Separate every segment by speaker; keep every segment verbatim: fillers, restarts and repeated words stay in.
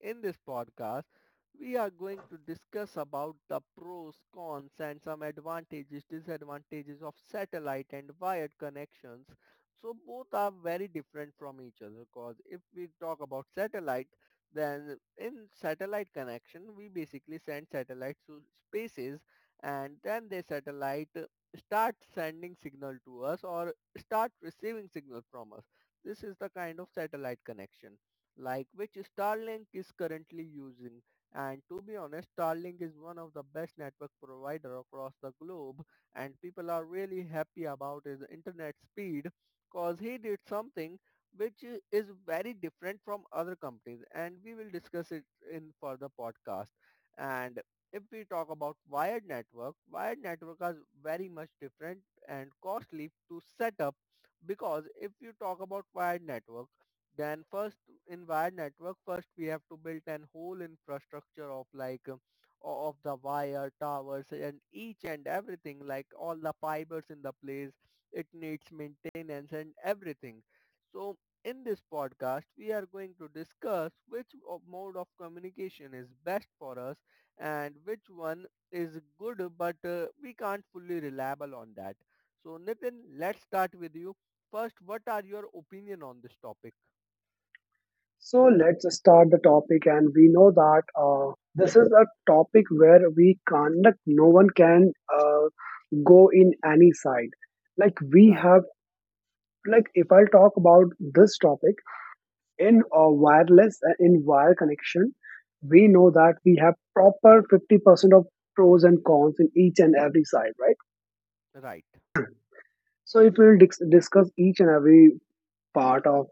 Speaker 1: In this podcast, we are going to discuss about the pros, cons and some advantages, disadvantages of satellite and wired connections. So both are very different from each other because if we talk about satellite, then in satellite connection we basically send satellites to spaces and then the satellite uh, start sending signal to us or start receiving signal from us. This is the kind of satellite connection, like which Starlink is currently using. And to be honest, Starlink is one of the best network provider across the globe, and people are really happy about his internet speed, cause he did something which is very different from other companies, and we will discuss it in further podcast. And if we talk about wired network, wired network is very much different and costly to set up because if you talk about wired network, then first in wired network, first we have to build an whole infrastructure of like um, o- of the wire towers and each and everything, like all the fibers in the place. It needs maintenance and everything. So in this podcast, we are going to discuss which o- mode of communication is best for us and which one is good, but uh, we can't fully reliable on that. So Nitin, let's start with you. First, what are your opinion on this topic?
Speaker 2: So let's start the topic, and we know that uh, this is a topic where we cannot, no one can uh, go in any side. Like we
Speaker 1: Right,
Speaker 2: have, like if I talk about this topic in uh, wireless and in wire connection, we know that we have proper fifty percent of pros and cons in each and every side, right?
Speaker 1: right,
Speaker 2: So if we'll dis- discuss each and every part of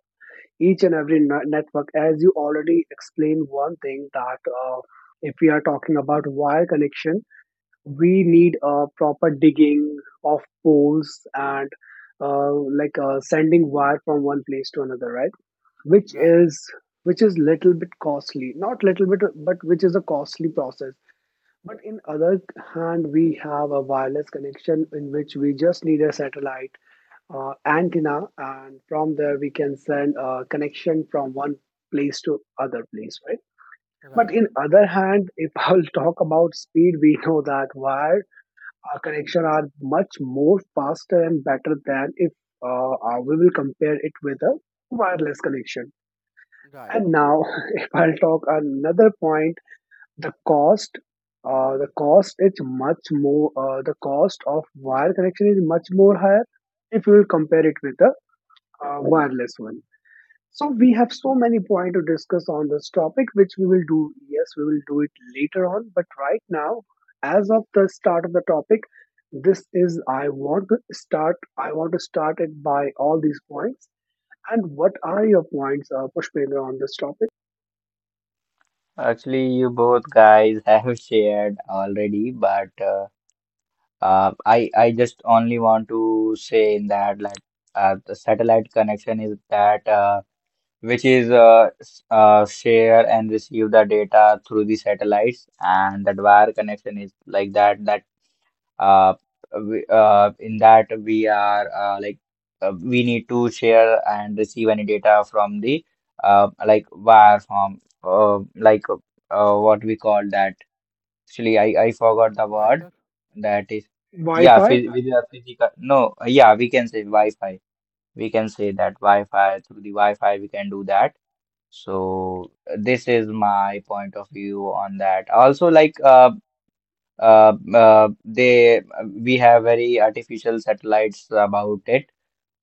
Speaker 2: each and every ne- network, as you already explained one thing, that uh, if we are talking about wire connection, we need a proper digging of poles and uh, like uh, sending wire from one place to another, right, which
Speaker 1: right,
Speaker 2: is which is little bit costly, not little bit, but which is a costly process. But in other hand, we have a wireless connection in which we just need a satellite uh, antenna, and from there we can send a connection from one place to other place, right. But
Speaker 1: right,
Speaker 2: in other hand, if I'll talk about speed, we know that wire uh, connection are much more faster and better than if uh, uh, we will compare it with a wireless connection.
Speaker 1: right.
Speaker 2: And now, if I'll talk another point, the cost, uh, the cost is much more, uh, the cost of wire connection is much more higher if you will compare it with a uh, wireless one. So we have so many points to discuss on this topic, which we will do. Yes, we will do it later on. But right now, as of the start of the topic, this is I want to start. I want to start it by all these points. And what are your points, uh, Pushpendra, on this topic?
Speaker 3: Actually, you both guys have shared already, but uh, uh, I I just only want to say in that like uh, the satellite connection is that uh, which is uh, s- uh, share and receive the data through the satellites, and that wire connection is like that that uh, we, uh, in that we are uh, like uh, we need to share and receive any data from the uh, like wire form uh, like uh, what we call that. Actually I, I forgot the word.
Speaker 1: Fiber?
Speaker 3: That is, yeah,
Speaker 2: Wi-Fi.
Speaker 3: phys with the physical, no, yeah, we can say Wi-Fi, we can say that
Speaker 1: Okay.
Speaker 3: Wi-Fi. Through the Wi-Fi we can do that. So uh, this is my point of view on that. Also like uh, uh, uh, they we have very artificial satellites about it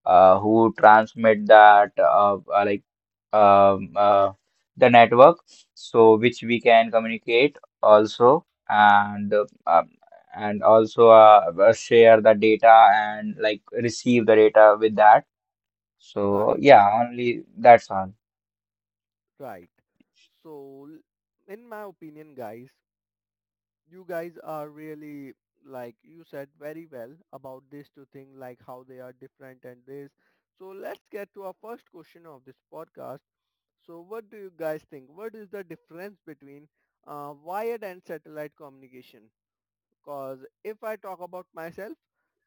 Speaker 3: uh, who transmit that uh, uh, like um, uh, the network, so which we can communicate also, and uh, um, and also uh, uh, share the data and like receive the data with that. So
Speaker 1: Right,
Speaker 3: yeah, only that's all.
Speaker 1: right. So, in my opinion, guys, you guys are really like you said very well about these two things, like how they are different and this. So let's get to our first question of this podcast. So what do you guys think? What is the difference between uh, wired and satellite communication? Cause if I talk about myself,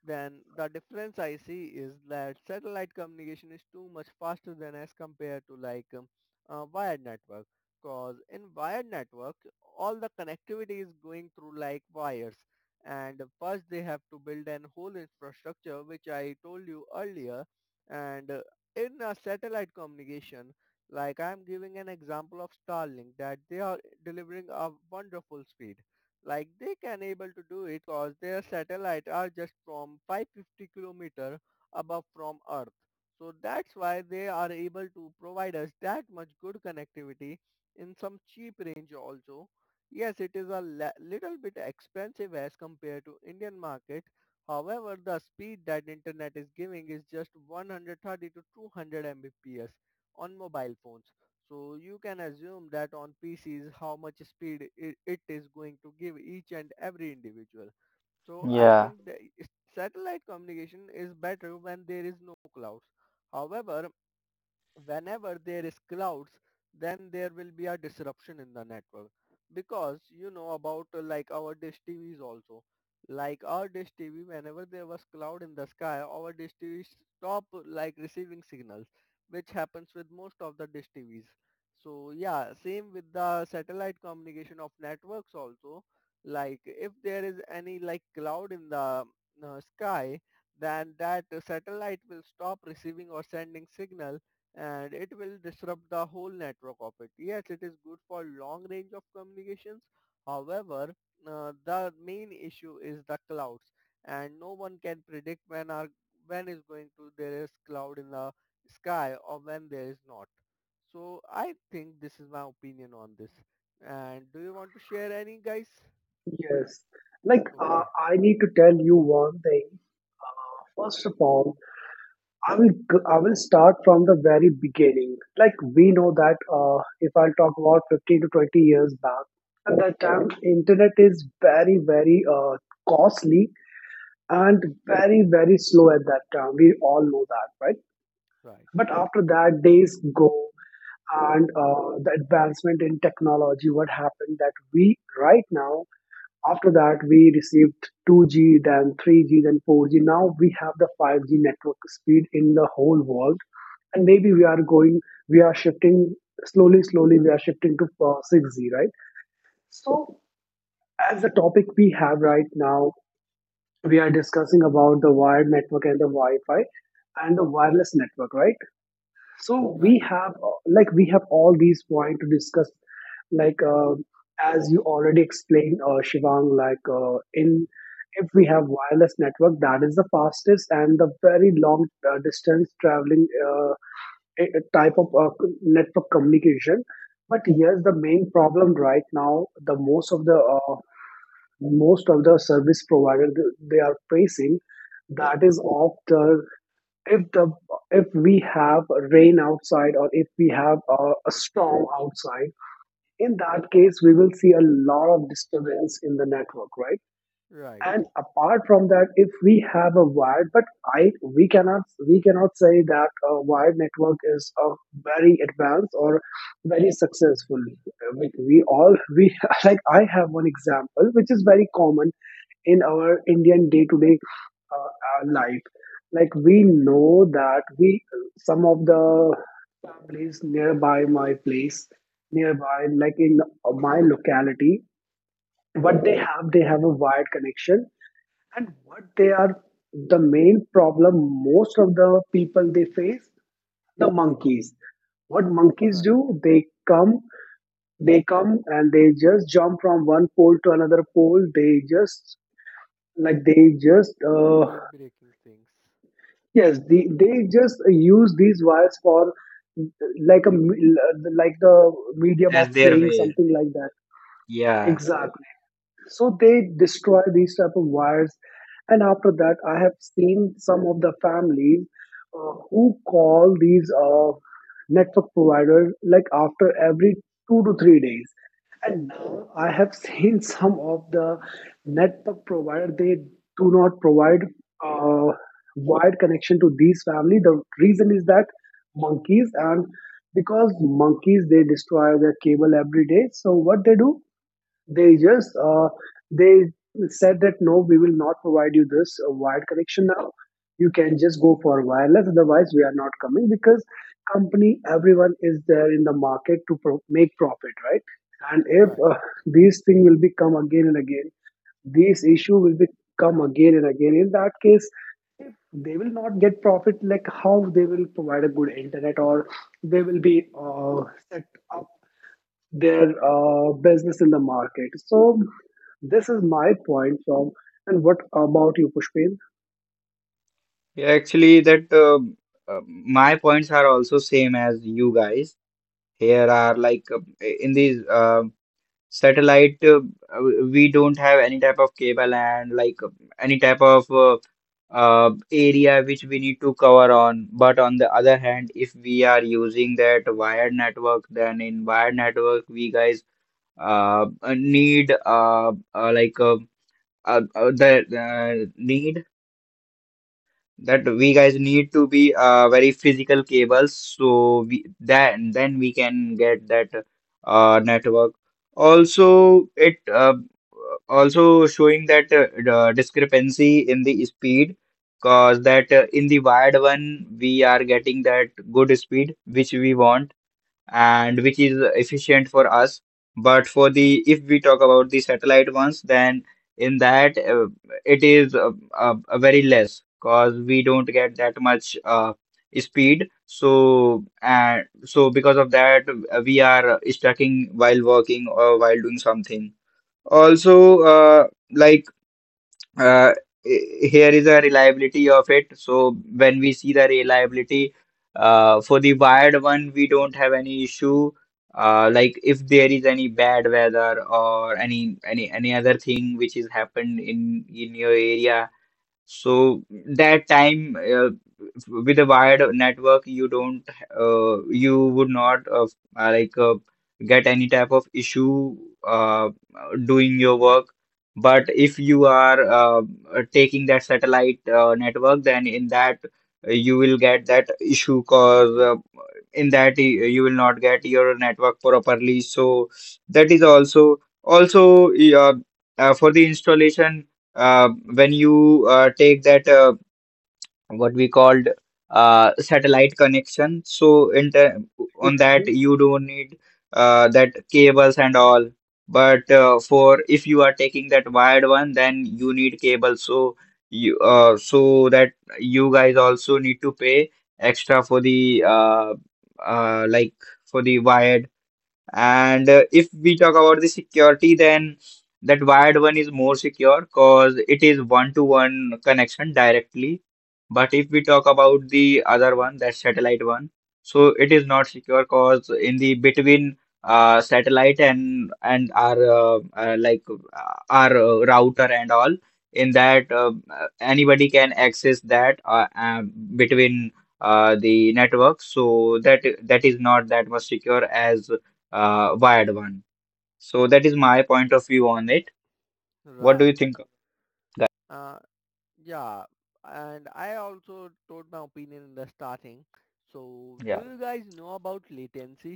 Speaker 1: then the difference I see is that satellite communication is too much faster than as compared to like um, uh, wired network. Cause in wired network, all the connectivity is going through like wires. And first they have to build an whole infrastructure, which I told you earlier. And uh, in a satellite communication, like I'm giving an example of Starlink, that they are delivering a wonderful speed, like they can able to do it cause their satellite are just from five hundred fifty kilometer above from earth. So that's why they are able to provide us that much good connectivity in some cheap range also. Yes, it is a la- little bit expensive as compared to Indian market. However, the speed that internet is giving is just one hundred thirty to two hundred mbps on mobile phones, so you can assume that on P Cs how much speed i- it is going to give each and every individual. So I
Speaker 3: Yeah,
Speaker 1: think the satellite communication is better when there is no clouds. However, whenever there is clouds, then there will be a disruption in the network. Because you know about uh, like our dish T Vs also. Like our dish T V, whenever there was cloud in the sky, our dish T V stop uh, like receiving signals, which happens with most of the dish T Vs. So yeah, same with the satellite communication of networks also. Like if there is any like cloud in the uh, sky, then that uh, satellite will stop receiving or sending signal and it will disrupt the whole network of it. Yes, it is good for long range of communications. However, uh, the main issue is the clouds, and no one can predict when are when is going to there is cloud in the sky or when there is not. So I think this is my opinion on this. And do you want to share any, guys?
Speaker 2: Yes. Like, uh,
Speaker 1: Okay,
Speaker 2: I need to tell you one thing. Uh, First of all, I will g- I will start from the very beginning. Like, we know that, uh, if I'll talk about fifteen to twenty years back, at that time internet is very very uh, costly and very very slow at that time. We all know that, right?
Speaker 1: right,
Speaker 2: But after that, days go and, uh, the advancement in technology. What happened that we right now, after that, we received two G, then three G, then four G. Now we have the five G network speed in the whole world, and maybe we are going, we are shifting slowly, slowly. We are shifting to uh, six G, right? So, as the topic we have right now, we are discussing about the wired network and the Wi-Fi and the wireless network, right? So
Speaker 1: right,
Speaker 2: we have uh, like we have all these points to discuss, like uh, as you already explained, uh, Shivang, like uh, in if we have wireless network, that is the fastest and the very long uh, distance traveling, uh, a- a type of uh, network communication. But here's the main problem right now, the most of the uh, most of the service provider, th- they are facing, that is opt if the if we have rain outside, or if we have a, a storm outside, in that case we will see a lot of disturbance in the network, right?
Speaker 1: right,
Speaker 2: And apart from that, if we have a wired, but I we cannot we cannot say that a wired network is a very advanced or very successful. Like, we all we like I have one example which is very common in our Indian day to day life. Like, we know that, we some of the families nearby my place, nearby, like, in my locality, what they have they have a wired connection. And what they are the main problem most of the people they face, the monkeys. What monkeys
Speaker 1: right.
Speaker 2: do, they come they come and they just jump from one pole to another pole. They just like they just uh,
Speaker 1: Keep breaking things.
Speaker 2: yes, they, they just use these wires for, like, a me- like, the medium of
Speaker 3: that's their
Speaker 2: playing
Speaker 3: way.
Speaker 2: something like that,
Speaker 3: Yeah.
Speaker 2: exactly. So they destroy these type of wires, and after that I have seen some of the families, uh, who call these uh, network providers like after every two to three days. And now I have seen some of the network provider, they do not provide uh, wired connection to these family. The reason is that monkeys, and because monkeys they destroy their cable every day. So what they do, they just uh, they said that, no, we will not provide you this uh, wired connection. Now you can just go for wireless, otherwise we are not coming, because company everyone is there in the market to pro- make profit, right? And if,
Speaker 1: Right,
Speaker 2: uh, these thing will become again and again this issue will become again and again, in that case if they will not get profit, like, how they will provide a good internet, or they will be, uh, set up their uh, business in the market. So this is my point from. And what about you, Pushpin?
Speaker 3: Yeah, actually, that uh, uh, my points are also same as you guys. Here are like uh, in these uh, satellite, uh, uh, we don't have any type of cable, and like uh, any type of uh, uh, area which we need to cover on. But on the other hand, if we are using that wired network, then in wired network, we guys uh, uh, need uh, uh, like uh, uh, uh, the uh, need that we guys need to be uh, very physical cables, so we then then we can get that uh, network. Also, it uh, also showing that uh, the discrepancy in the speed, cause that uh, in the wired one we are getting that good speed which we want and which is efficient for us. But for the if we talk about the satellite ones, then in that uh, it is uh, uh, uh, very less because we don't get that much uh, speed. So and so because of that, uh, we are stucking while working or while doing something. Also, uh, like uh, i- here is a reliability of it. So when we see the reliability uh, for the wired one, we don't have any issue. Uh, like if there is any bad weather or any any any other thing which is happened in in your area, so that time uh, with a wired network, you don't uh, you would not uh, uh, like uh, get any type of issue uh, doing your work. But if you are uh, taking that satellite uh, network, then in that uh, you will get that issue because uh, in that y- you will not get your network properly. So that is also also uh, uh, for the installation. Uh, when you uh, take that uh, what we called uh, satellite connection, so in the, on that
Speaker 2: Mhm.
Speaker 3: you don't need uh, that cables and all. But uh, for if you are taking that wired one, then you need cable, so you uh, so that you guys also need to pay extra for the uh, uh, like for the wired. And uh, if we talk about the security, then that wired one is more secure because it is one-to-one connection directly. But if we talk about the other one, that satellite one, so it is not secure because in the between uh, satellite and and our uh, uh, like uh, our uh, router and all, in that uh, uh, anybody can access that uh, um, between uh, the network. So that that is not that much secure as uh, wired one. So that is my point of view on it. What do you
Speaker 1: right.
Speaker 3: think, guys?
Speaker 1: Uh, Yeah, and I also told my opinion in the starting. So, do
Speaker 3: Yeah,
Speaker 1: you guys know about latency?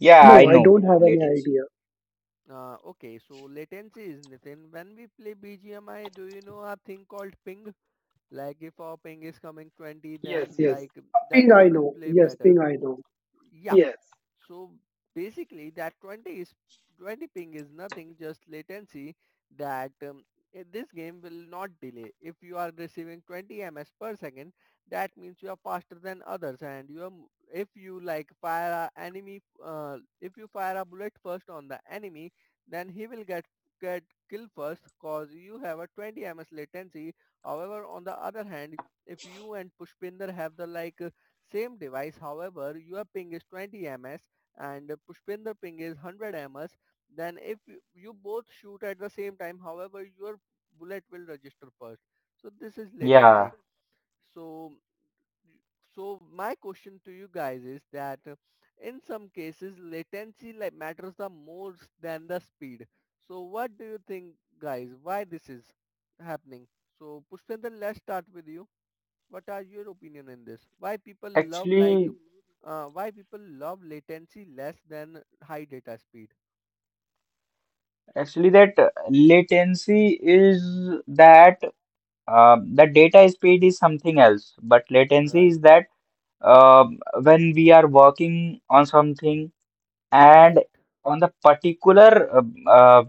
Speaker 3: yeah, I
Speaker 2: No, I
Speaker 3: know
Speaker 2: don't have any
Speaker 3: latency.
Speaker 2: idea.
Speaker 1: Uh, okay, so latency is nothing. When we play B G M I, do you know a thing called ping? Like if our ping is coming twenty,
Speaker 2: Yes,
Speaker 1: then
Speaker 2: yes.
Speaker 1: like
Speaker 2: Ping,
Speaker 1: then we
Speaker 2: I
Speaker 1: will
Speaker 2: know.
Speaker 1: play
Speaker 2: Yes,
Speaker 1: better.
Speaker 2: Ping, I know.
Speaker 1: Yeah, so basically that twenty is twenty ping is nothing, just latency, that um, i- this game will not delay. If you are receiving twenty ms per second, that means you are faster than others and you are m- if you like fire a enemy uh, if you fire a bullet first on the enemy, then he will get get killed first cause you have a twenty ms latency. However, on the other hand, if you and Pushpinder have the like same device, however, your ping is twenty ms and Pushpinder ping is one hundred ms, then if you you both shoot at the same time, however, your bullet will register first. So this is
Speaker 3: Yeah,
Speaker 1: latency. So so my question to you guys is that uh, in some cases latency like matters the most than the speed. So what do you think, guys, why this is happening? So Pushpinder, let's start with you. What are your opinion in this? Why people love like
Speaker 3: actually,
Speaker 1: uh, why people love latency less than high data speed?
Speaker 3: actually that uh, latency is that uh, the data speed is something else, but latency
Speaker 1: Right,
Speaker 3: is that um when we are working on something and
Speaker 1: right,
Speaker 3: on the particular uh, uh,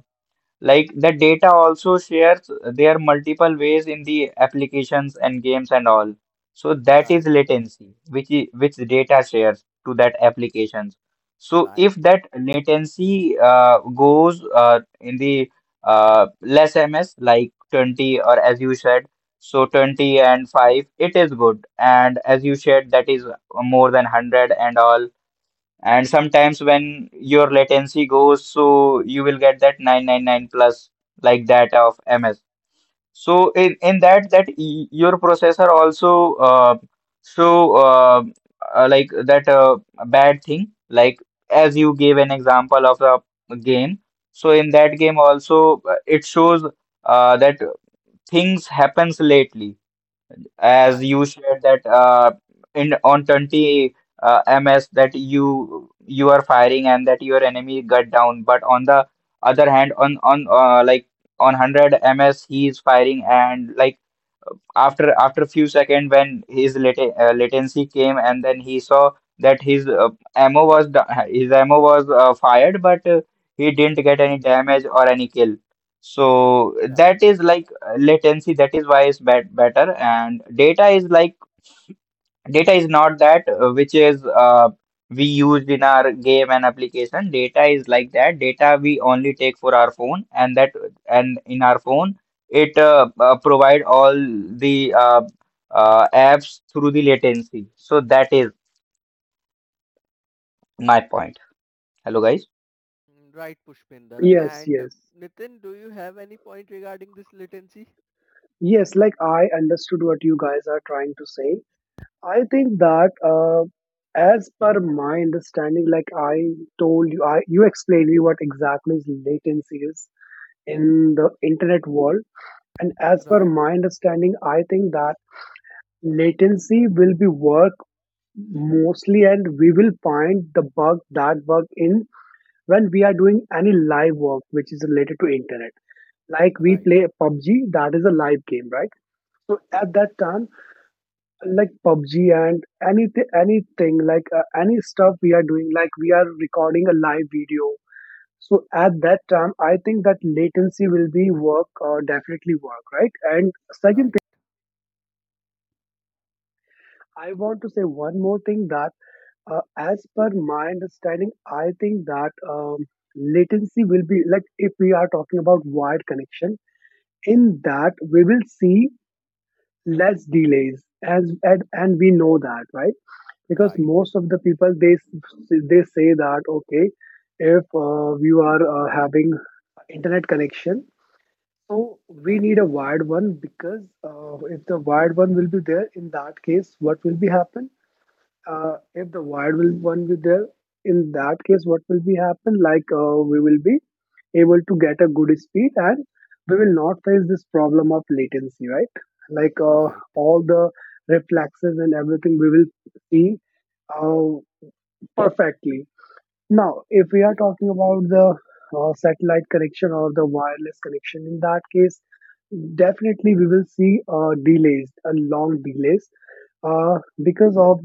Speaker 3: like the data also shares their multiple ways in the applications and games and all. So that is
Speaker 1: right,
Speaker 3: latency, which i- which data shares to that applications. So
Speaker 1: right,
Speaker 3: if that latency uh, goes uh, in the uh, less ms like twenty, or as you said, so twenty and five, it is good. And as you said, that is more than one hundred and all. And sometimes when your latency goes, so you will get that nine hundred ninety-nine plus like that of M S. So in, in that that y- your processor also uh, so uh, uh, like that uh, bad thing, like as you gave an example of a game. So in that game also uh, it shows uh, that things happens lately, as
Speaker 1: right,
Speaker 3: you shared that uh, in on twenty uh, ms, that you you are firing and that your enemy got down. But on the other hand, on on uh, like on one hundred ms, he is firing, and like after after a few seconds, when his lat uh, latency came, and then he saw that his uh, ammo was da- his ammo was uh, fired, but uh, he didn't get any damage or any kill. So
Speaker 1: right,
Speaker 3: that is like uh, latency. That is why it's bet better. And data is like Data is not that uh, which is uh, we used in our game and application. Data is like that. Data we only take for our phone, and that and in our phone it uh, uh, provide all the uh, uh, apps through the latency. So that is my point. Hello, guys.
Speaker 1: mm, right, Pushpinder.
Speaker 2: Yes,
Speaker 1: And uh,
Speaker 2: yes.
Speaker 1: Nitin, do you have any point regarding this latency?
Speaker 2: Yes, like, I understood what you guys are trying to say. I think that, uh, as per my understanding, like I told you, I you explained me what exactly is latency is in the internet world. And as per
Speaker 1: Right,
Speaker 2: my understanding, I think that latency will be work mostly, and we will find the bug that bug in, when we are doing any live work which is related to internet. Like, we
Speaker 1: right,
Speaker 2: play PUBG, that is a live game, right? So at that time, like PUBG and, anything, anything, like, uh, any stuff we are doing, like, we are recording a live video. So at that time, I think that latency will be work, or definitely work, right? And second
Speaker 1: right,
Speaker 2: thing, I want to say one more thing, that Uh, as per my understanding, I think that, um, latency will be, like, if we are talking about wired connection, in that we will see less delays, as and, and we know that, right? Because
Speaker 1: right,
Speaker 2: most of the people, they s- they say that, okay, if uh, you are uh, having internet connection, so we
Speaker 1: right,
Speaker 2: need a wired one, because uh, if the wired one will be there, in that case what will be happen, uh, if the wired will one will be there, in that case what will be happen, like uh, we will be able to get a good speed, and we will not face this problem of latency, right? Like uh,
Speaker 1: right,
Speaker 2: all the reflexes and everything we will see uh, perfectly. Now if we are
Speaker 1: right.
Speaker 2: talking about the uh, satellite connection or the wireless connection, in that case definitely we will see uh, delays a long delays, uh, because of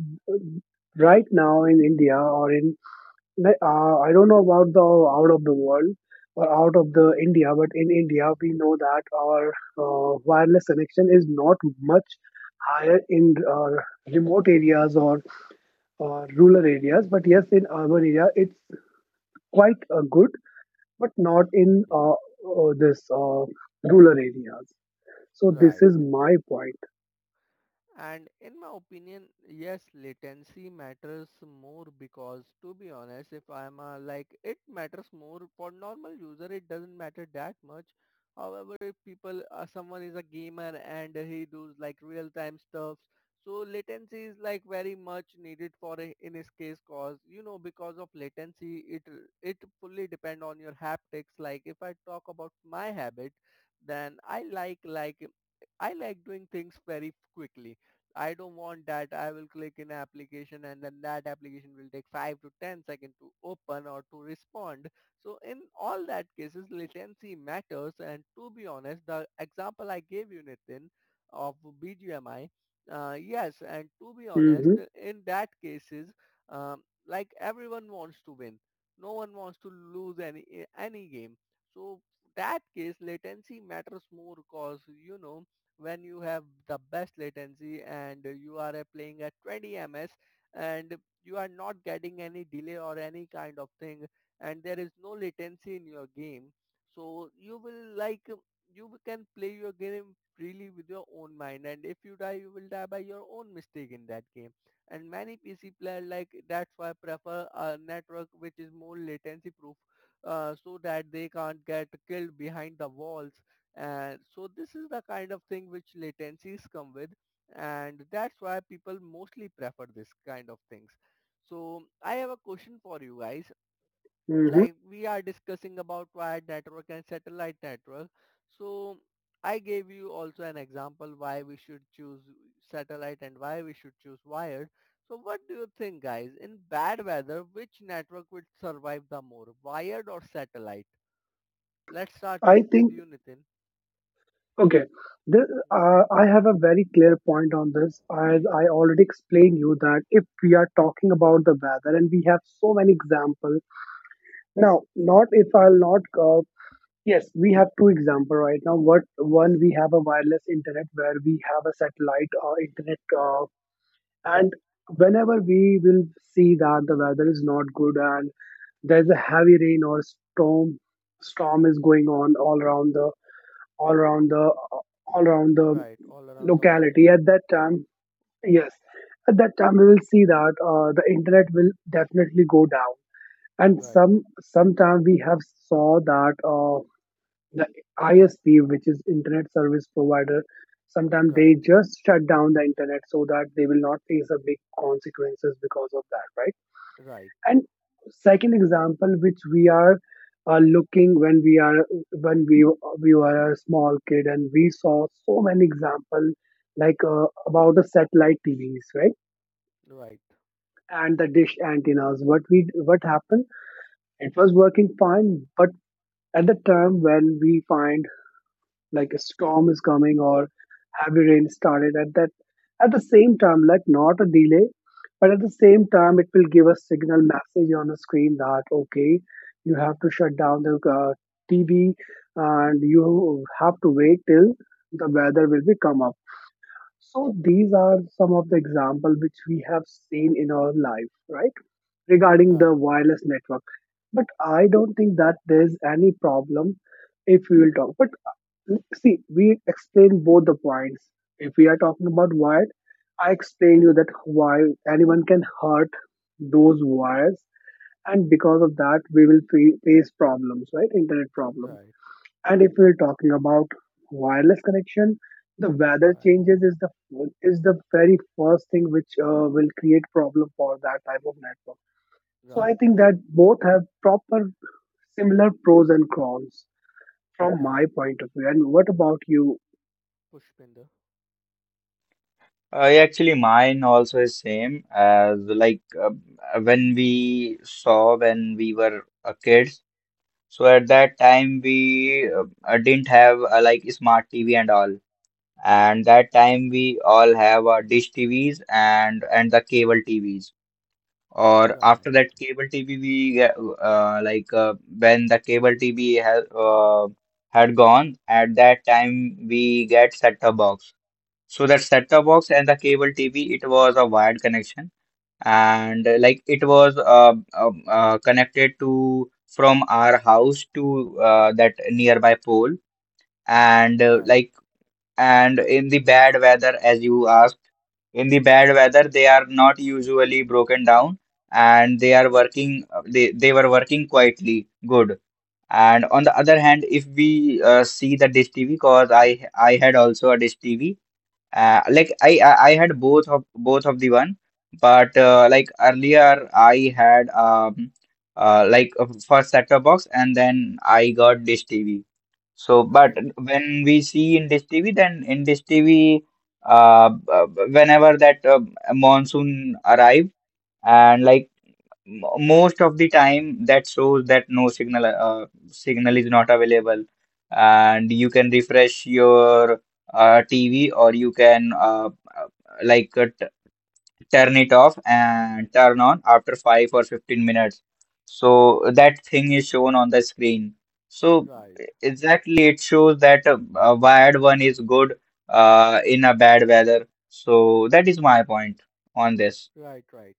Speaker 2: right now in India, or in like, uh, I don't know about the out of the world or out of the
Speaker 1: Okay,
Speaker 2: India, but in India we know that our uh, wireless connection is not much higher in uh, remote areas or uh, rural areas. But yes, in urban area it's quite uh, good, but not in
Speaker 1: okay,
Speaker 2: uh, uh, this uh, rural areas. So this
Speaker 1: right.
Speaker 2: is my point.
Speaker 1: And in my opinion, yes, latency matters more because to be honest, if I'm a, like, it matters more for normal user, it doesn't matter that much. However, if people, uh, someone is a gamer and he does like real time stuff, so latency is like very much needed for i- in his case cause, you know, because of latency, it, it fully depend on your haptics. Like if I talk about my habit, then I like, like, I like doing things very quickly. I don't want that. I will click in application and then that application will take five to ten seconds to open or to respond. So in all that cases, latency matters. And to be honest, the example I gave you, Nitin, of B G M I, uh, yes, and to be honest,
Speaker 2: hmm
Speaker 1: in that cases, um, like everyone wants to win. No one wants to lose any any game. So that case, latency matters more because you know when you have the best latency and you are uh, playing at twenty ms and you are not getting any delay or any kind of thing and there is no latency in your game, so you will like uh, you can play your game freely with your own mind. And if you die, you will die by your own mistake in that game. And many PC player like that's why prefer a network which is more latency proof, uh, so that they can't get killed behind the walls. And so this is the kind of thing which latencies come with, and that's why people mostly prefer this kind of things. So I have a question for you guys.
Speaker 2: hmm
Speaker 1: Like we are discussing about wired network and satellite network. So I gave you also an example why we should choose satellite and why we should choose wired. So what do you think, guys? In bad weather, which network would survive the more? Wired or satellite? Let's start
Speaker 2: I
Speaker 1: with, with
Speaker 2: think
Speaker 1: you, Nitin.
Speaker 2: Okay, this, uh, I have a very clear point on this. As I already explained you that if we are talking about the weather, and we have so many examples. Now, not if I'll not. Uh, we have two example right now. What One, we have a wireless internet where we have a satellite uh, internet, uh, and whenever we will see that the weather is not good and there's a heavy rain or storm, storm is going on all around the all around the all around the
Speaker 1: Right, all around the world.
Speaker 2: locality, at that time,
Speaker 1: Okay,
Speaker 2: yes, at that time we will see that uh, the internet will definitely go down. And
Speaker 1: right,
Speaker 2: some sometime we have saw that uh, the I S P, which is internet service provider, sometimes they
Speaker 1: right,
Speaker 2: just shut down the internet so that they will not face a big consequences because of that, right?
Speaker 1: right,
Speaker 2: And second example, which we are uh, looking, when we are when we we were a small kid, and we saw so many example, like uh, about the satellite T Vs, right?
Speaker 1: right,
Speaker 2: And the dish antennas. What we what happened? It was working fine, but at the time when we find like a storm is coming or heavy rain started, at that at the same time, like, not a delay, but at the same time it will give a signal message on the screen that, okay, you have to shut down the uh, T V and you have to wait till the weather will be come up. So these are some of the example which we have seen in our life, right, regarding the
Speaker 1: right,
Speaker 2: wireless network. But I don't think that there's any problem if we will talk. But see, we explain both the points. If we are talking about wired, I explained you that why anyone can hurt those wires, and because of that, we will fa- face problems, right? Internet problems.
Speaker 1: right,
Speaker 2: And if we're talking about wireless connection, the weather
Speaker 1: right,
Speaker 2: changes is the is the very first thing which uh, will create problem for that type of network. So I
Speaker 1: right,
Speaker 2: think that both have proper similar pros and cons from
Speaker 1: right
Speaker 2: my point of view. And what about you?
Speaker 1: pushpinder,
Speaker 3: Uh, yeah, actually, mine also is same as like uh, when we saw when we were uh, kids. So at that time we uh, uh, didn't have uh, like smart T V and all. And that time we all have our dish T Vs and and the cable T Vs, or
Speaker 1: right,
Speaker 3: after that cable T V we get, uh, like uh, when the cable T V has uh, had gone, at that time we get set top box. So that set top box and the cable T V, it was a wired connection, and uh, like it was uh, um, uh, connected to from our house to uh, that nearby pole. And uh,
Speaker 1: right,
Speaker 3: like and in the bad weather, as you asked, in the bad weather, they are not usually broken down and they are working. Uh, they, they were working quietly good. And on the other hand, if we uh, see the dish T V, cause I I had also a dish T V, uh, like I I I had both of both of the one, but uh, like earlier I had um uh, like a first set-top box and then I got dish T V. So, but
Speaker 1: right,
Speaker 3: when we see in this T V, then in this T V, uh, uh, whenever that uh, monsoon arrive, and like m- most of the time, that shows that no signal, uh, signal is not available, and you can refresh your uh, T V or you can uh, uh, like uh, turn it off and turn on after five or fifteen minutes, so that thing is shown on the screen. So
Speaker 1: right,
Speaker 3: exactly it shows that a, a wired one is good uh, in a bad weather. So that is my point on this.
Speaker 1: right, right.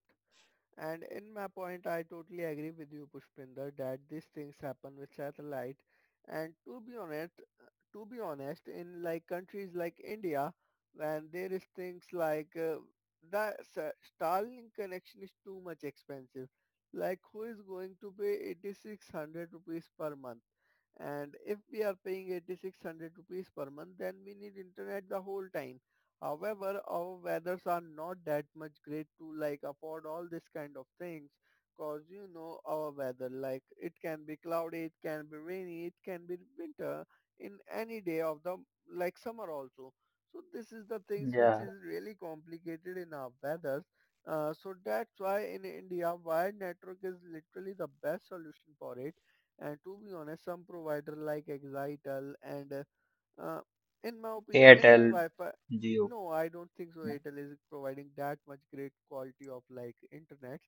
Speaker 1: And in my point, I totally agree with you, Pushpinder, that these things happen with satellite. And to be honest, to be honest, in like countries like India, when there is things like uh, that sa- Starlink connection is too much expensive. Like who is going to pay eighty-six hundred rupees per month? And if we are paying eighty-six hundred rupees per month, then we need internet the whole time. However, our weathers are not that much great to like afford all this kind of things cause you know our weather like it can be cloudy, it can be rainy, it can be winter in any day of the like summer also. So this is the things which
Speaker 3: Yeah.
Speaker 1: is really complicated in our weathers, uh, so that's why in India wired network is literally the best solution for it. And to be honest, some provider like Exitel and uh, uh, in my opinion, in
Speaker 3: Airtel,
Speaker 1: Wi-Fi,
Speaker 3: Geo.
Speaker 1: no, I don't think so
Speaker 3: Yeah.
Speaker 1: Airtel is providing that much great quality of like internet,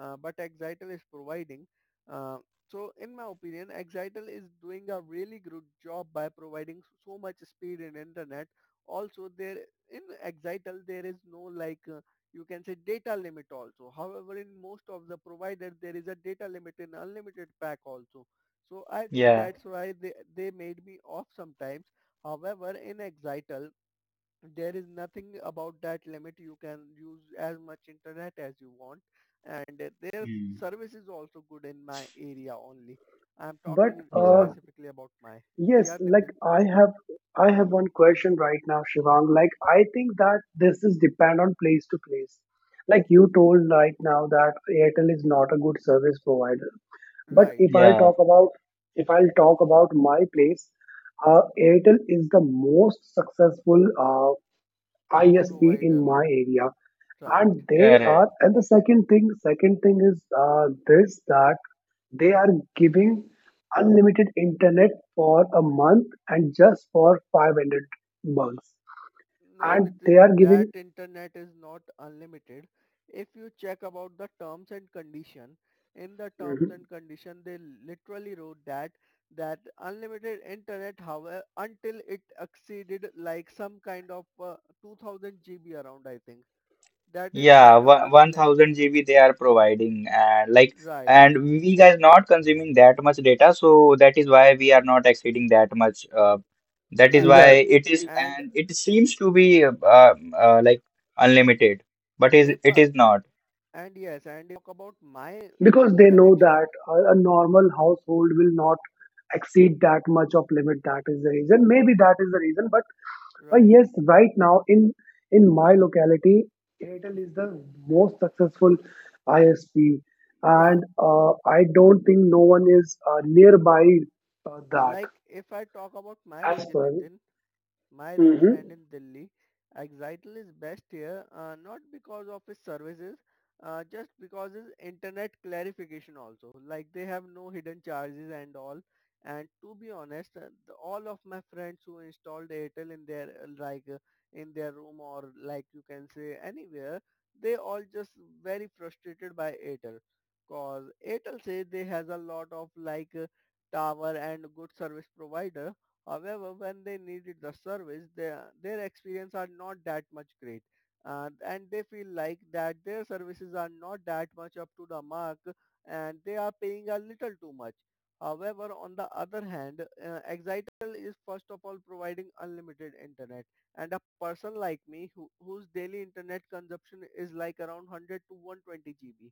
Speaker 1: uh, but Exitel is providing. Uh, so, in my opinion, Exitel is doing a really good job by providing s- so much speed in internet. Also, there in Exitel there is no like uh, you can say data limit also. However, in most of the providers there is a data limit in unlimited pack also. So I think
Speaker 3: Yeah.
Speaker 1: that's why they, they made me off sometimes. However, in Exital, there is nothing about that limit. You can use as much internet as you want, and uh, their
Speaker 3: Hmm.
Speaker 1: service is also good in my area only. I'm
Speaker 2: But
Speaker 1: talking
Speaker 2: uh,
Speaker 3: Yeah.
Speaker 1: specifically about my.
Speaker 2: yes,
Speaker 1: Yeah,
Speaker 2: like
Speaker 1: Nitin.
Speaker 2: I have, I have one question right now, Shivang. Like I think that this is depend on place to place. Like you told right now that Airtel is not a good service provider. But
Speaker 1: Right.
Speaker 2: if I'll
Speaker 3: Yeah.
Speaker 2: talk about, if I'll talk about my place, uh, Airtel is the most successful. Uh, I S P in
Speaker 1: Provider.
Speaker 2: my area,
Speaker 1: Right.
Speaker 2: and they are.
Speaker 3: Correct.
Speaker 2: And the second thing, second thing is uh, this that they are giving unlimited internet for a month and just for five hundred bucks,
Speaker 1: No,
Speaker 2: and
Speaker 1: Nitin,
Speaker 2: they are
Speaker 1: that
Speaker 2: giving.
Speaker 1: internet is not unlimited. If you check about the terms and condition, in the terms
Speaker 2: Mhm.
Speaker 1: and condition, they literally wrote that that unlimited internet, however, until it exceeded like some kind of uh, two thousand G B around, I think. That is
Speaker 3: Yeah,
Speaker 1: kind of
Speaker 3: one,
Speaker 1: its limit.
Speaker 3: 1000 GB they are providing, and like
Speaker 1: Right,
Speaker 3: and we guys not consuming that much data, so that is why we are not exceeding that much. Uh, that is
Speaker 1: right.
Speaker 3: why
Speaker 2: Exact.
Speaker 3: it is,
Speaker 1: And
Speaker 3: and it seems to be uh, uh, like unlimited, but is
Speaker 1: if
Speaker 3: it
Speaker 1: I,
Speaker 3: is not.
Speaker 1: and yes, and if I talk about my uh,
Speaker 2: Because they know that
Speaker 1: connection,
Speaker 2: a, a normal household will not exceed that much of limit. That is the reason. Maybe that is the reason, but but
Speaker 1: right.
Speaker 2: yes, right now in in my locality, Airtel is the most successful ISP,
Speaker 1: Yeah,
Speaker 2: and uh, I don't think no one is uh, nearby uh,
Speaker 1: like
Speaker 2: that
Speaker 1: if I talk about my
Speaker 2: as
Speaker 1: region,
Speaker 2: per.
Speaker 1: Nitin, my region
Speaker 2: Mhm.
Speaker 1: and in Delhi, Exitle is best here, uh, not because of its services, uh, just because its internet clarification also. Like they have no hidden charges and all. And to be honest, uh, the, all of my friends who installed Airtel in their uh, like uh, in their room or like you can say anywhere, they all just very frustrated by Airtel, cause Airtel say they has a lot of like uh, tower and good service provider. However, when they needed the service, their their experience are not that much great, uh, and they feel like that their services are not that much up to the mark, and they are paying a little too much. However, on the other hand, uh, Exitel is first of all providing unlimited internet, and a person like me who, whose daily internet consumption is like around one hundred to one hundred twenty G B.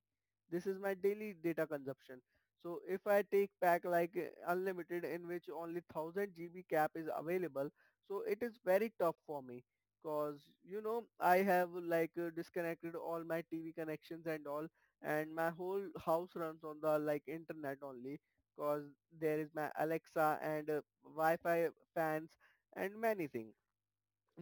Speaker 1: This is my daily data consumption. So if I take pack like uh, unlimited in which only one thousand G B cap is available, so it is very tough for me because you know I have like uh, disconnected all my T V connections and all, and my whole house runs on the like internet only because there is my Alexa and uh, Wi-Fi fans and many things.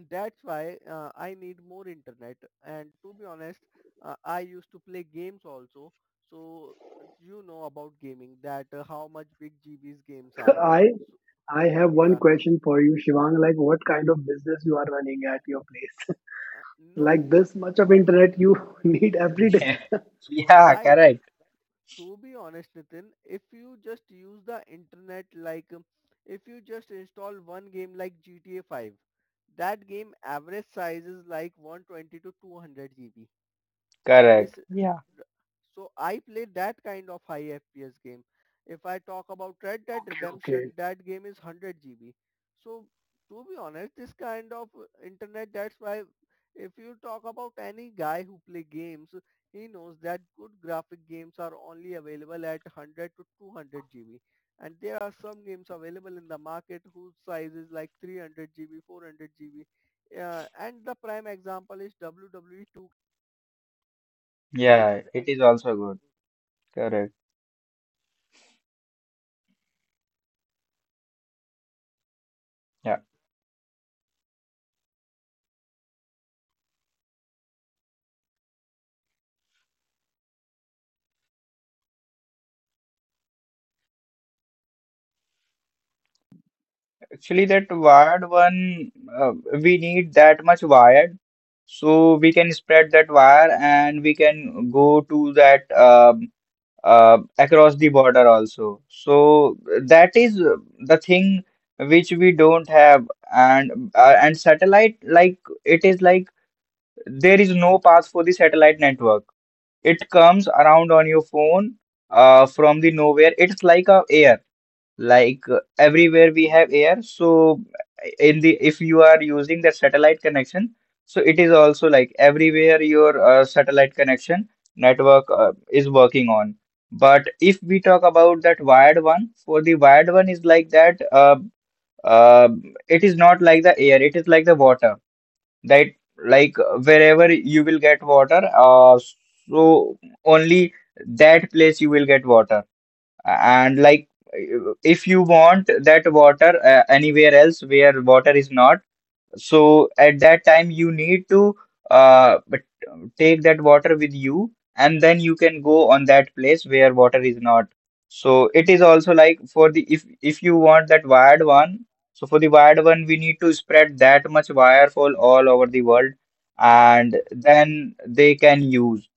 Speaker 1: That's why uh, I need more internet. And to be honest, uh, I used to play games also. So uh, you know about gaming that uh, how much big G B's games are.
Speaker 2: i
Speaker 1: So
Speaker 2: i have one
Speaker 1: yeah,
Speaker 2: question for you, Shivang. Like, what kind of business you are running at your place?
Speaker 1: uh,
Speaker 2: Like
Speaker 1: no,
Speaker 2: this much of
Speaker 1: to
Speaker 2: internet you
Speaker 1: b-
Speaker 2: need every day.
Speaker 3: Yeah.
Speaker 1: right.
Speaker 3: correct
Speaker 1: To be honest, Nitin, if you just use the internet like um, if you just install one game like G T A five, that game average size is like one hundred twenty to two hundred G B.
Speaker 3: correct
Speaker 1: This
Speaker 3: Yeah.
Speaker 1: uh, So I play that kind of high F P S game. If I talk about Red Dead
Speaker 2: Okay,
Speaker 1: Redemption,
Speaker 2: okay.
Speaker 1: that game is one hundred G B. So to be honest, this kind of uh, internet, that's why if you talk about any guy who play games, he knows that good graphic games are only available at one hundred to two hundred G B. And there are some games available in the market whose size is like three hundred G B, four hundred G B. Uh, and the prime example is W W E two.
Speaker 3: Yeah. It is also good. Correct. Yeah. Actually, that wired one, uh, we need that much wired. So we can spread that wire and we can go to that um, uh, across the border also. So that is uh, the thing which we don't have. And uh, and satellite, like it is, like there is no path for the satellite network. It comes around on your phone uh, from the nowhere. It's like a air, like uh, everywhere we have air. So in the if you are using the satellite connection, so it is also like everywhere your uh, satellite connection network uh, is working on. But if we talk about that wired one, for the wired one is like that uh, uh, it is not like the air, it is like the water, that like wherever you will get water, uh, so only that place you will get water. And like if you want that water uh, anywhere else where water is not, so at that time you need to uh but take that water with you, and then you can go on that place where water is not. So it is also like for the if if you want that wired one, so for the wired one we need to spread that much wire for all over the world,
Speaker 1: Right,
Speaker 3: and then they can use.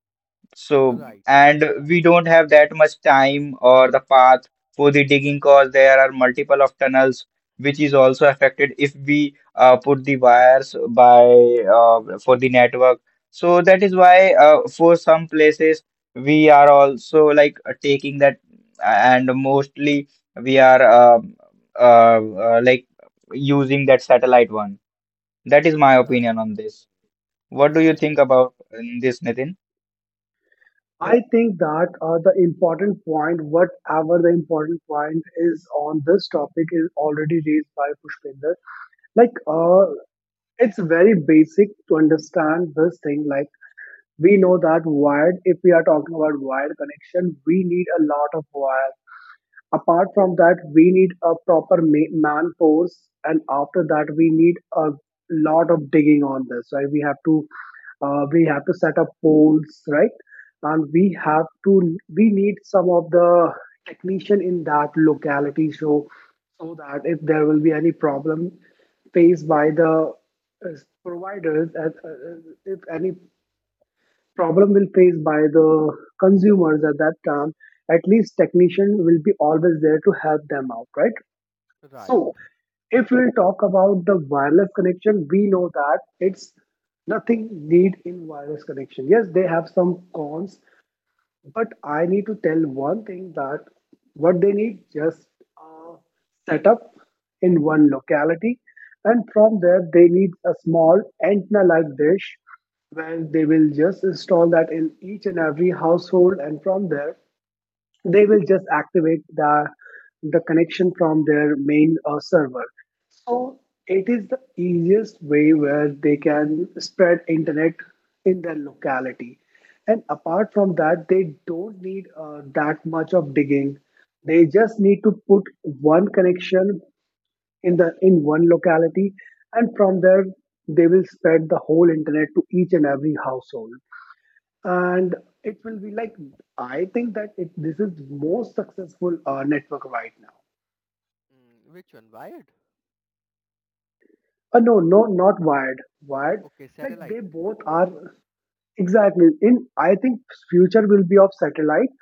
Speaker 3: So,
Speaker 1: right,
Speaker 3: and we don't have that much time or the path for the digging, because there are multiple of tunnels which is also affected if we uh, put the wires by uh, for the network. So that is why uh, for some places we are also like uh, taking that uh, and mostly we are uh, uh, uh, like using that satellite one. That is my
Speaker 1: right,
Speaker 3: opinion on this. What do you
Speaker 1: and
Speaker 3: think about uh, this, Nitin?
Speaker 2: I think that uh, the important point, whatever the important point is on this topic, is already raised by Pushpinder. Like, uh, it's very basic to understand this thing. Like, we know that wired, if we are talking about wired connection, we need a lot of wire. Apart from that, we need a proper ma- man force, and after that, we need a lot of digging on this. Right? We have to uh, we have to set up polls, right? And we have to, we need some of the technician in that locality, so so that if there will be any problem faced by the uh, providers at, uh, uh, if any problem will faced by the consumers, at that time at least technician will be always there to help them out, right?
Speaker 1: right.
Speaker 2: So, if we talk about the wireless connection, we know that it's nothing need in wireless connection. Yes, they have some cons, but I need to tell one thing that what they need just uh, set up in one locality, and from there they need a small antenna-like dish where they will just install that in each and every household, and from there they will just activate the the connection from their main uh, server. So it is the easiest way where they can spread internet in their locality, and apart from that they don't need uh, that much of digging. They just need to put one connection in the in one locality, and from there they will spread the whole internet to each and every household. And it will be like, I think that it, this is most successful uh, network right now.
Speaker 1: Mm, which one? Wired?
Speaker 2: Uh, no no not wired, wired,
Speaker 1: Okay,
Speaker 2: like
Speaker 1: satellite.
Speaker 2: they both are exactly in, I think future will be of satellite,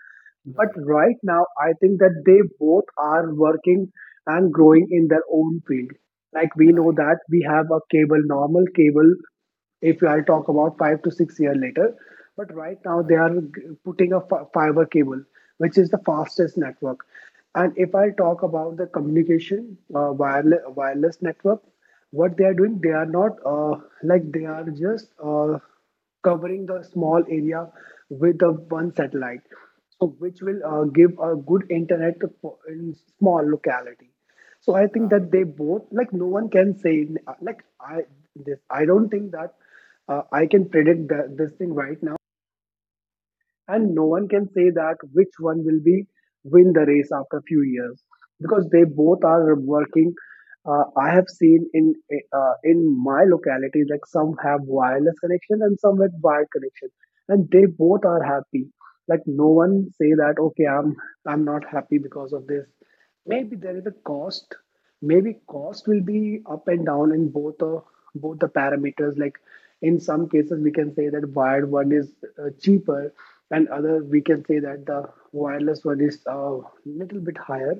Speaker 2: but
Speaker 1: Right,
Speaker 2: right now I think that they both are working and growing in their own field. Like we know
Speaker 1: right,
Speaker 2: that we have a cable, normal cable, if I'll talk about five to six year later. But right now they
Speaker 1: right,
Speaker 2: are putting a fiber cable, which is the fastest network. And if I talk about the communication uh, wireless wireless network, what they are doing, they are not uh, like they are just uh, covering the small area with the one satellite, so which will uh, give a good internet in small locality. So I think
Speaker 1: right,
Speaker 2: that they both like no one can say like I this I don't think that uh, I can predict that this thing right now, and no one can say that which one will be win the race after a few years, because they both are working. Uh, I have seen in uh, in my locality like some have wireless connection and some with wired connection, and they both are happy. Like no one say that okay, I'm I'm not happy because of this. Maybe there is a cost, maybe cost will be up and down in both, the both the parameters, like in some cases we can say that wired one is uh, cheaper, and other we can say that the wireless one is a little bit higher.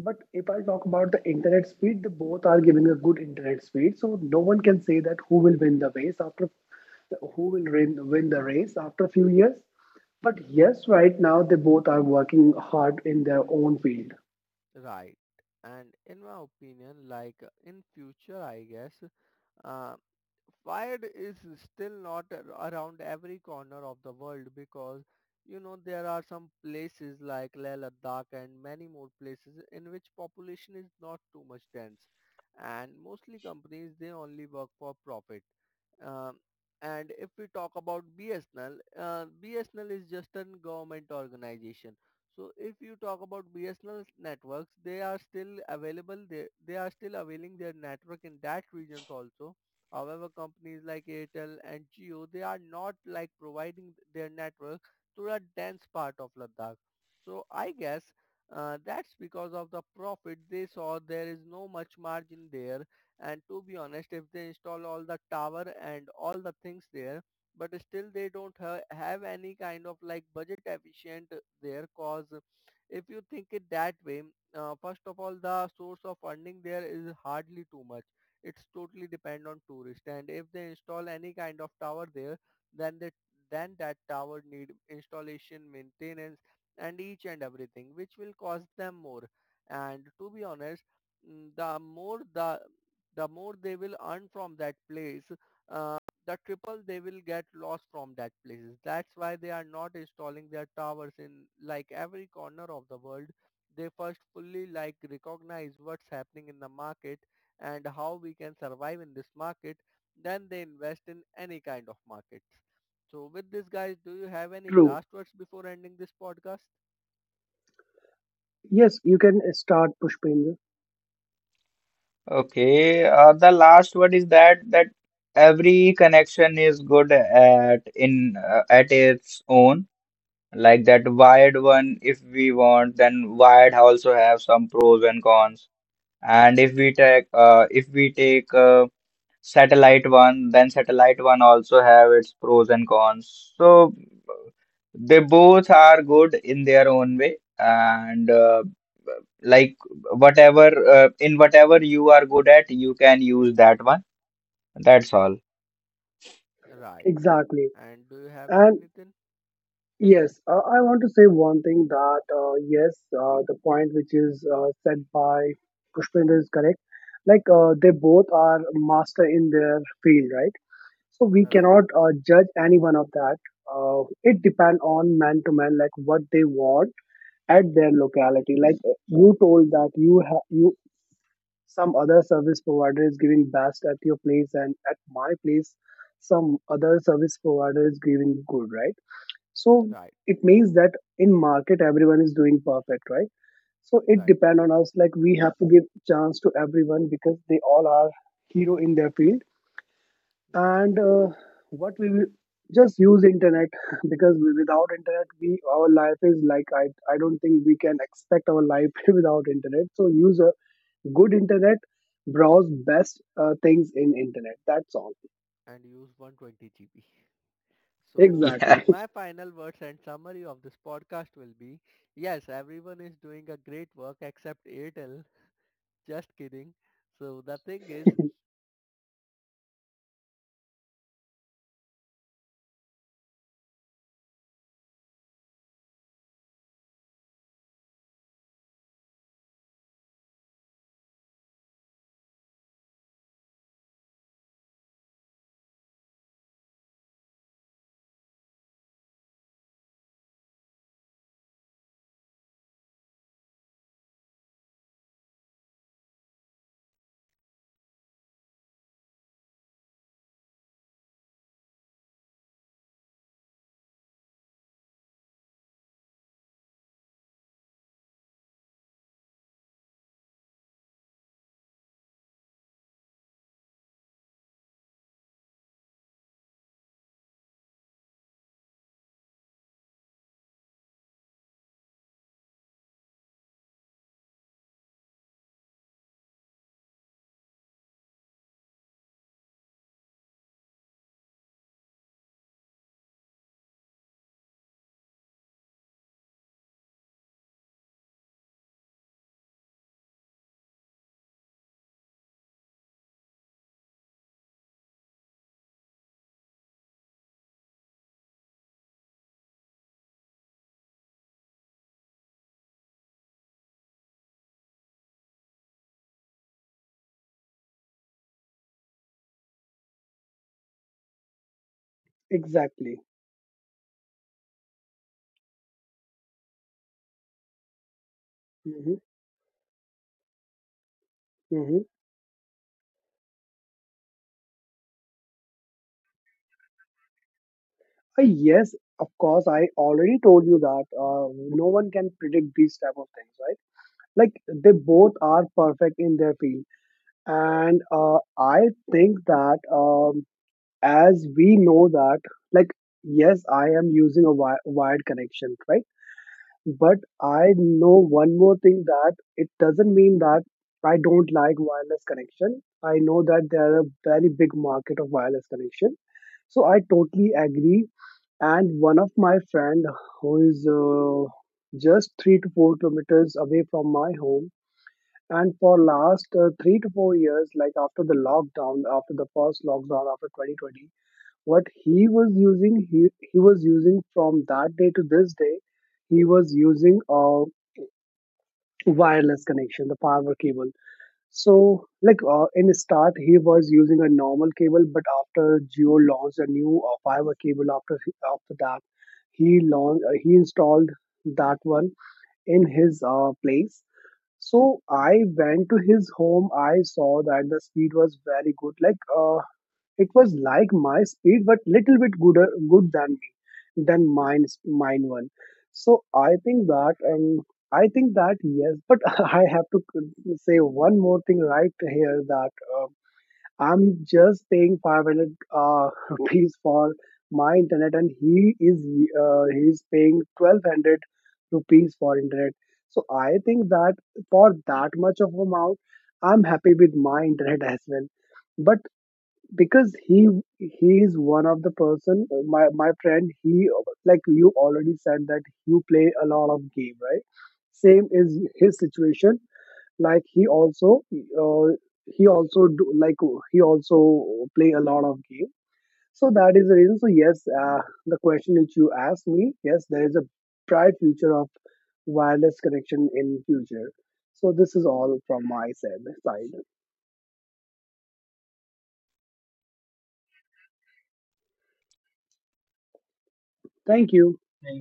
Speaker 2: But if I talk about the internet speed, the both are giving a good internet speed. So no one can say that who will win the race after, who will win, win the race after a few years. But yes, right now they both are working hard in their own field.
Speaker 1: right. And in my opinion, like in future, I guess, uh, Wired is still not ar- around every corner of the world because you know there are some places like Leh Ladakh and many more places in which population is not too much dense, and mostly companies they only work for profit. um, and if we talk about B S N L, uh, B S N L is just a government organization. So if you talk about B S N L networks, they are still available. They, they are still availing their network in that regions also. However, companies like Airtel and Jio, they are not like providing their network to a dense part of Ladakh. So I guess uh, that's because of the profit they saw there is no much margin there. And to be honest, if they install all the tower and all the things there, but still they don't ha- have any kind of like budget efficient there, cause if you think it that way, uh, first of all, the source of funding there is hardly too much. It's totally depend on tourist, and if they install any kind of tower there, then that then that tower need installation maintenance and each and everything, which will cost them more. And to be honest, mm, the more the the more they will earn from that place, um, the triple they will get lost from that places. That's why they are not installing their towers in like every corner of the world. They first fully like recognize what's happening in the market and how we can survive in this market, then they invest in any kind of markets. So with this, guys, do you have any
Speaker 2: True.
Speaker 1: last words before ending this podcast?
Speaker 2: Yes, you can start, Pushpendra.
Speaker 3: Okay, uh, the last word is that that every connection is good at in uh, at its own. Like that wired one, if we want, then wired also have some pros and cons. And if we take uh, if we take uh, Satellite One, then Satellite One also have its pros and cons. So they both are good in their own way, and uh, like whatever uh, in whatever you are good at, you can use that one. That's all.
Speaker 1: Right.
Speaker 2: Exactly.
Speaker 1: And do you have any,
Speaker 2: And
Speaker 1: Nitin?
Speaker 2: yes, uh, I want to say one thing that uh, yes, uh, the point which is uh, said by Pushpendra is correct. Like uh, they both are master in their field, right? So we
Speaker 1: Right,
Speaker 2: cannot uh, judge any one of that. Uh, it depends on man to man, like what they want at their locality. Like you told that you have you, some other service provider is giving best at your place, and at my place some other service provider is giving good, right? So
Speaker 1: right,
Speaker 2: it means that in market everyone is doing perfect, right? So it
Speaker 1: right,
Speaker 2: depend on us, like we have to give chance to everyone, because they all are hero in their field,
Speaker 1: right.
Speaker 2: and uh, what we will just use internet, because we- without internet we, our life is like, i i don't think we can expect our life without internet. So use uh, good internet, browse best uh, things in internet, that's all.
Speaker 1: And use one hundred twenty G B. So
Speaker 3: Yeah.
Speaker 2: Exactly.
Speaker 1: my final words and summary of this podcast will be, yes, everyone is doing a great work except Airtel. Just kidding. So the thing is
Speaker 2: Exactly. Hmm. Hmm. Uh, yes, of course, I already told you that uh, no one can predict these type of things, right? Like they both are perfect in their field, and uh, I think that um, as we know that like yes, I am using a wi- wired connection, right? But I know one more thing that it doesn't mean that I don't like wireless connection. I know that there are a very big market of wireless connection. So I totally agree. And one of my friend who is uh, just three to four kilometers away from my home, and for last uh, three to four years, like after the lockdown, after the first lockdown, after twenty twenty, what he was using, he, he was using from that day to this day, he was using a wireless connection, the power cable. So, like uh, in the start, he was using a normal cable, but after Jio launched a new uh, fiber cable, after he- after that, he launched uh, he installed that one in his uh, place. So I went to his home. I saw that the speed was very good. Like uh, it was like my speed, but little bit gooder good than me, than mine mine one. So I think that um, I think that yes, but I have to say one more thing right here that um I'm just paying five hundred uh, rupees for my internet, and he is uh, he's paying twelve hundred rupees for internet. So I think that for that much of amount, I'm happy with my internet as well. But because he he is one of the person, my my friend, he, like you already said that you play a lot of game, right? Same is his situation, like he also uh, he also do, like he also play a lot of game, so that is the reason. So yes, uh, the question which you asked me, yes, there is a bright future of wireless connection in future. So this is all from my side side. Thank you.
Speaker 3: Thank